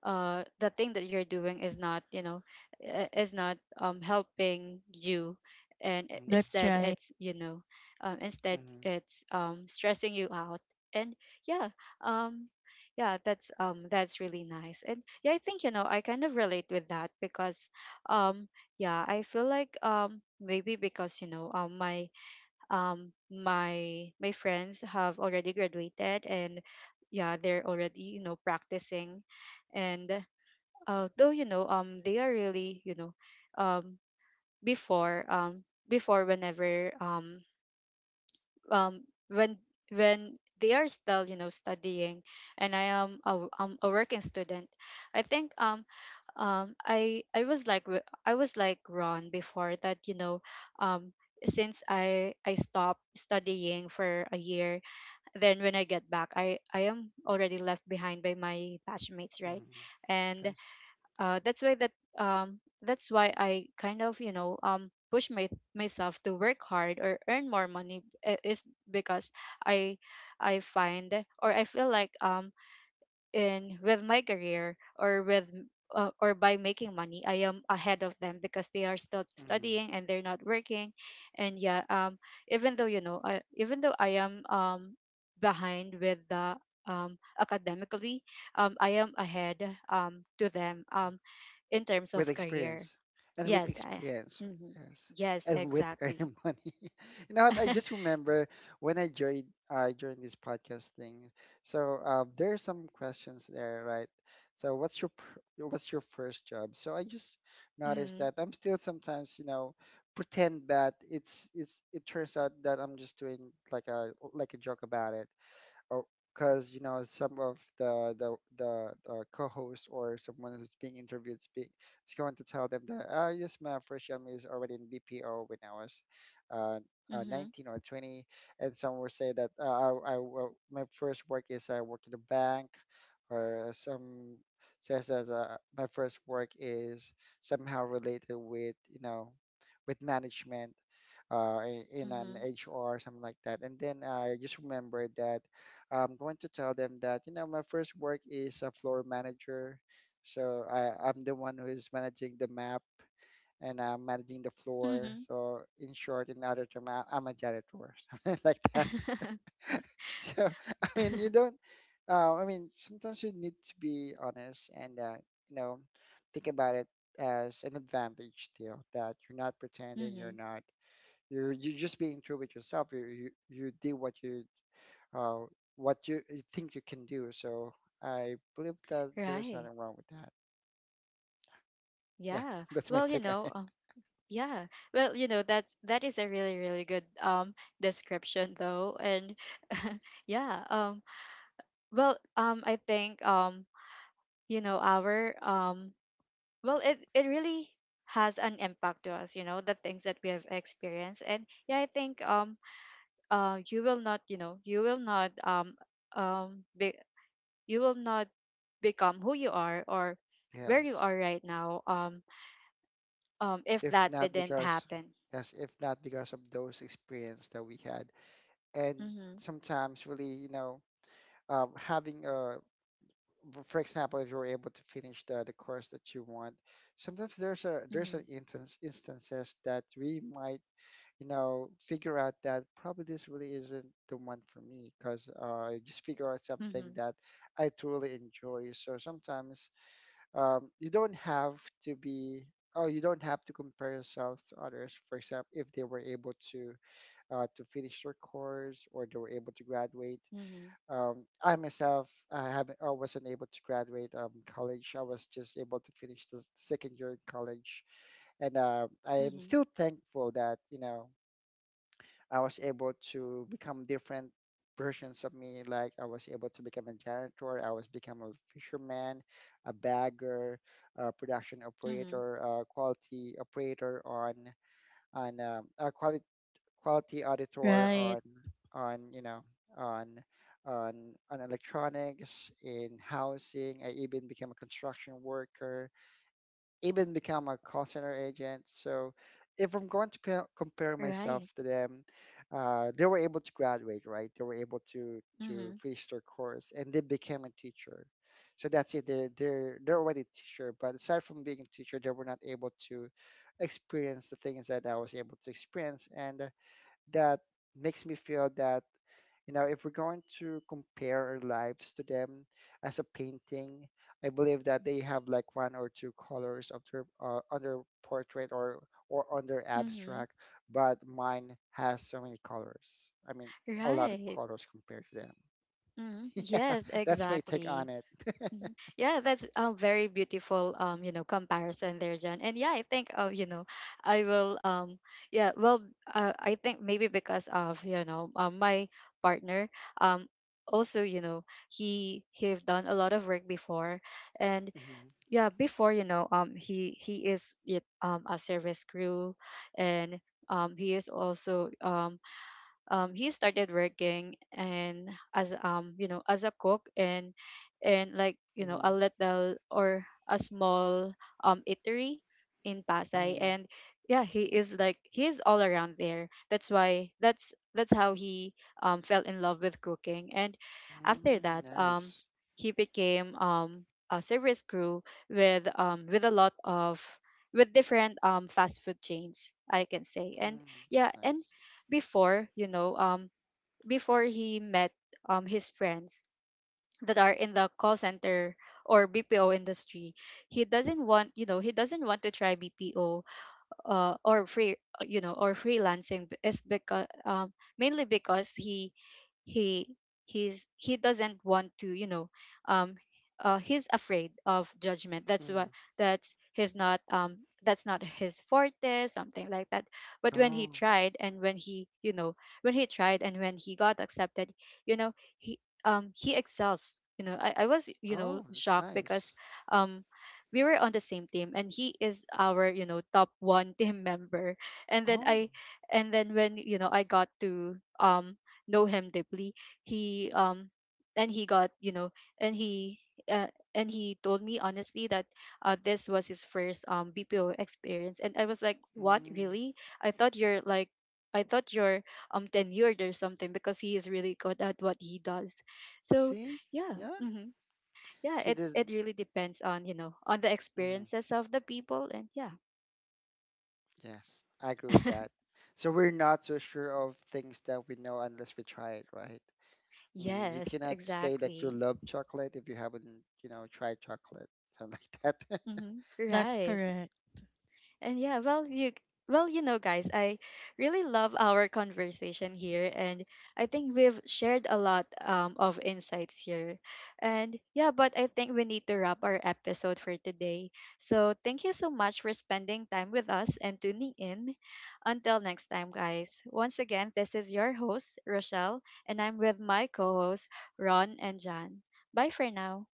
the thing that you're doing is not, you know, is not helping you, and
Mm-hmm.
That's
instead
right.
it's, you know, instead it's stressing you out. And yeah, um yeah, that's really nice. And yeah, I think, you know, I kind of relate with that, because um yeah, I feel like, maybe because, you know, my friends have already graduated, and yeah, they're already, you know, practicing. And though, you know, they are really, you know, um before, before whenever, um when, they are still, you know, studying, and I am a working student, I think I was like Ron before, that, you know, um since I stopped studying for a year, then when I get back, I am already left behind by my batchmates, right?
Mm-hmm.
And
Yes.
uh, that's why that that's why I kind of, you know, push my myself to work hard or earn more money, is because I I find, or I feel like, in with my career, or with or by making money, I am ahead of them, because they are still studying and they're not working. And yeah, even though, you know, I, even though I am behind with the, academically, I am ahead to them in terms
With
of career.
experience, and with
Yes, I,
experience,
mm-hmm.
yes,
Yes,
and with
exactly.
earning money. You know what I just remember, when I joined this podcast thing, so there are some questions there, right? So what's your what's your first job? So I just noticed
Mm-hmm.
that I'm still sometimes, you know, pretend that it's it turns out that I'm just doing like a joke about it. Oh, because you know, some of the co-host, or someone who's being interviewed, speak is going to tell them that, ah yes, my first job is already in BPO when I was uh,
Mm-hmm.
19 or 20, and some will say that my first work is I work in a bank, or some says that my first work is somehow related with, you know, with management, in an HR, something like that. And then I just remembered that I'm going to tell them that, you know, my first work is a floor manager. So I'm the one who is managing the map, and I'm managing the floor.
Mm-hmm.
So in short, in other term, I'm a janitor, something like that.
Mm-hmm.
So, I mean, you don't, I mean, sometimes you need to be honest, and, you know, think about it as an advantage still, that you're not pretending,
Mm-hmm.
you're not, you're just being true with yourself. You did uh, what you think you can do. So I believe that there's
Right.
nothing wrong with that. Yeah,
Yeah.
that's my
Well, you
take on
know,
it.
yeah. Well, you know, that's, that is a really, really good description, though. And yeah, well, I think, you know, our well, it really has an impact to us, you know, the things that we have experienced. And yeah, I think you will not, you know, you will not be, you will not become who you are or where you
Yes.
are right now if
If
that
not
didn't
because,
happen.
yes, if not because of those experience that we had. And
Mhm.
sometimes really, you know, having a, for example, if you're able to finish the course that you want, sometimes there's a, there's an
Mhm.
instance, instances that we might, you know, figure out that probably this really isn't the one for me, because I just figure out something
Mhm.
that I truly enjoy. So sometimes, you don't have to be, oh, you don't have to compare yourselves to others. For example, if they were able to finish their course, or they were able to graduate.
Mhm,
I myself, I wasn't able to graduate, college. I was just able to finish the second year in college, and I am
mhm,
still thankful that, you know, I was able to become different versions of me. Like, I was able to become a janitor, I was become a fisherman, a bagger, a production
mhm.
operator, a quality operator on a quality quality auditor
Right.
on, you know, on on on electronics in housing. I even became a construction worker, even become a call center agent. So if I'm going to compare myself
Right.
to them, they were able to graduate, right? They were able to
Mhm,
finish their course, and they became a teacher. So that's it. They're already a teacher, but aside from being a teacher, they were not able to experience the things that I was able to experience. And that makes me feel that, you know, if we're going to compare our lives to them as a painting, I believe that they have like one or two colors of their on their portrait, or on their
mhm.
abstract, but mine has so many colors. I mean, a lot of
Right.
colors compared to them.
Mhm,
Yeah,
yes,
that's my take on
exactly.
it.
Mhm. Yeah, that's a very beautiful, you know, comparison there, Jen. And yeah, I think, you know, I will yeah, well, I think maybe because of, you know, my partner um also, you know, he he've done a lot of work before. And
Hmm.
yeah, before, you know, he is it a service crew. And he is also, he started working, and as, you know, as a cook, and, like, you know, a
Hmm.
little or a small eatery in Pasay.
Hmm.
And yeah, he is like he is all around there, that's why that's how he fell in love with cooking. And after
Mm,
that,
nice.
he became a service crew with a lot of, with different fast food chains, I can say. And
Mm, it's
yeah, and
nice.
before, you know, before he met his friends that are in the call center or BPO industry, he doesn't want, you know, he doesn't want to try BPO, or free, you know, or freelancing, is because mainly because he he's, he doesn't want to, you know, um he's afraid of judgment, that's what,
Mm.
that's his not um that's not his forte, something like that. But when he
Oh.
tried, and when he, you know, when he tried, and when he got accepted, you know, he he excels, you know, I was, you know,
Oh, it's
shocked, because
nice.
um we were on the same team, and he is our, you know, top one team member. And then
Oh.
I, and then when, you know, I got to know him deeply, he and he got, you know, and he uh, and he told me honestly that, this was his first BPO experience, and I was like, what,
Mm.
really? I thought you're like, I thought you're tenured or something, because he is really good at what he does. So
See?
yeah.
Yeah.
Mhm. Yeah,
See
it
the
it really depends on, you know, on the
mm,
experiences of the people. And yeah,
yes, I agree with that. So we're not so sure of things that we know unless we try it, right? I mean, you
yes,
cannot say that you
exactly.
love chocolate if you haven't, you know, tried chocolate, something like that.
Hmm.
That's
Right.
correct.
And yeah, well, you, well, you know, guys, I really love our conversation here, and I think we've shared a lot of insights here. And yeah, but I think we need to wrap our episode for today. So thank you so much for spending time with us and tuning in. Until next time, guys. Once again, this is your host, Rochelle, and I'm with my co hosts, Ron and John. Bye for now.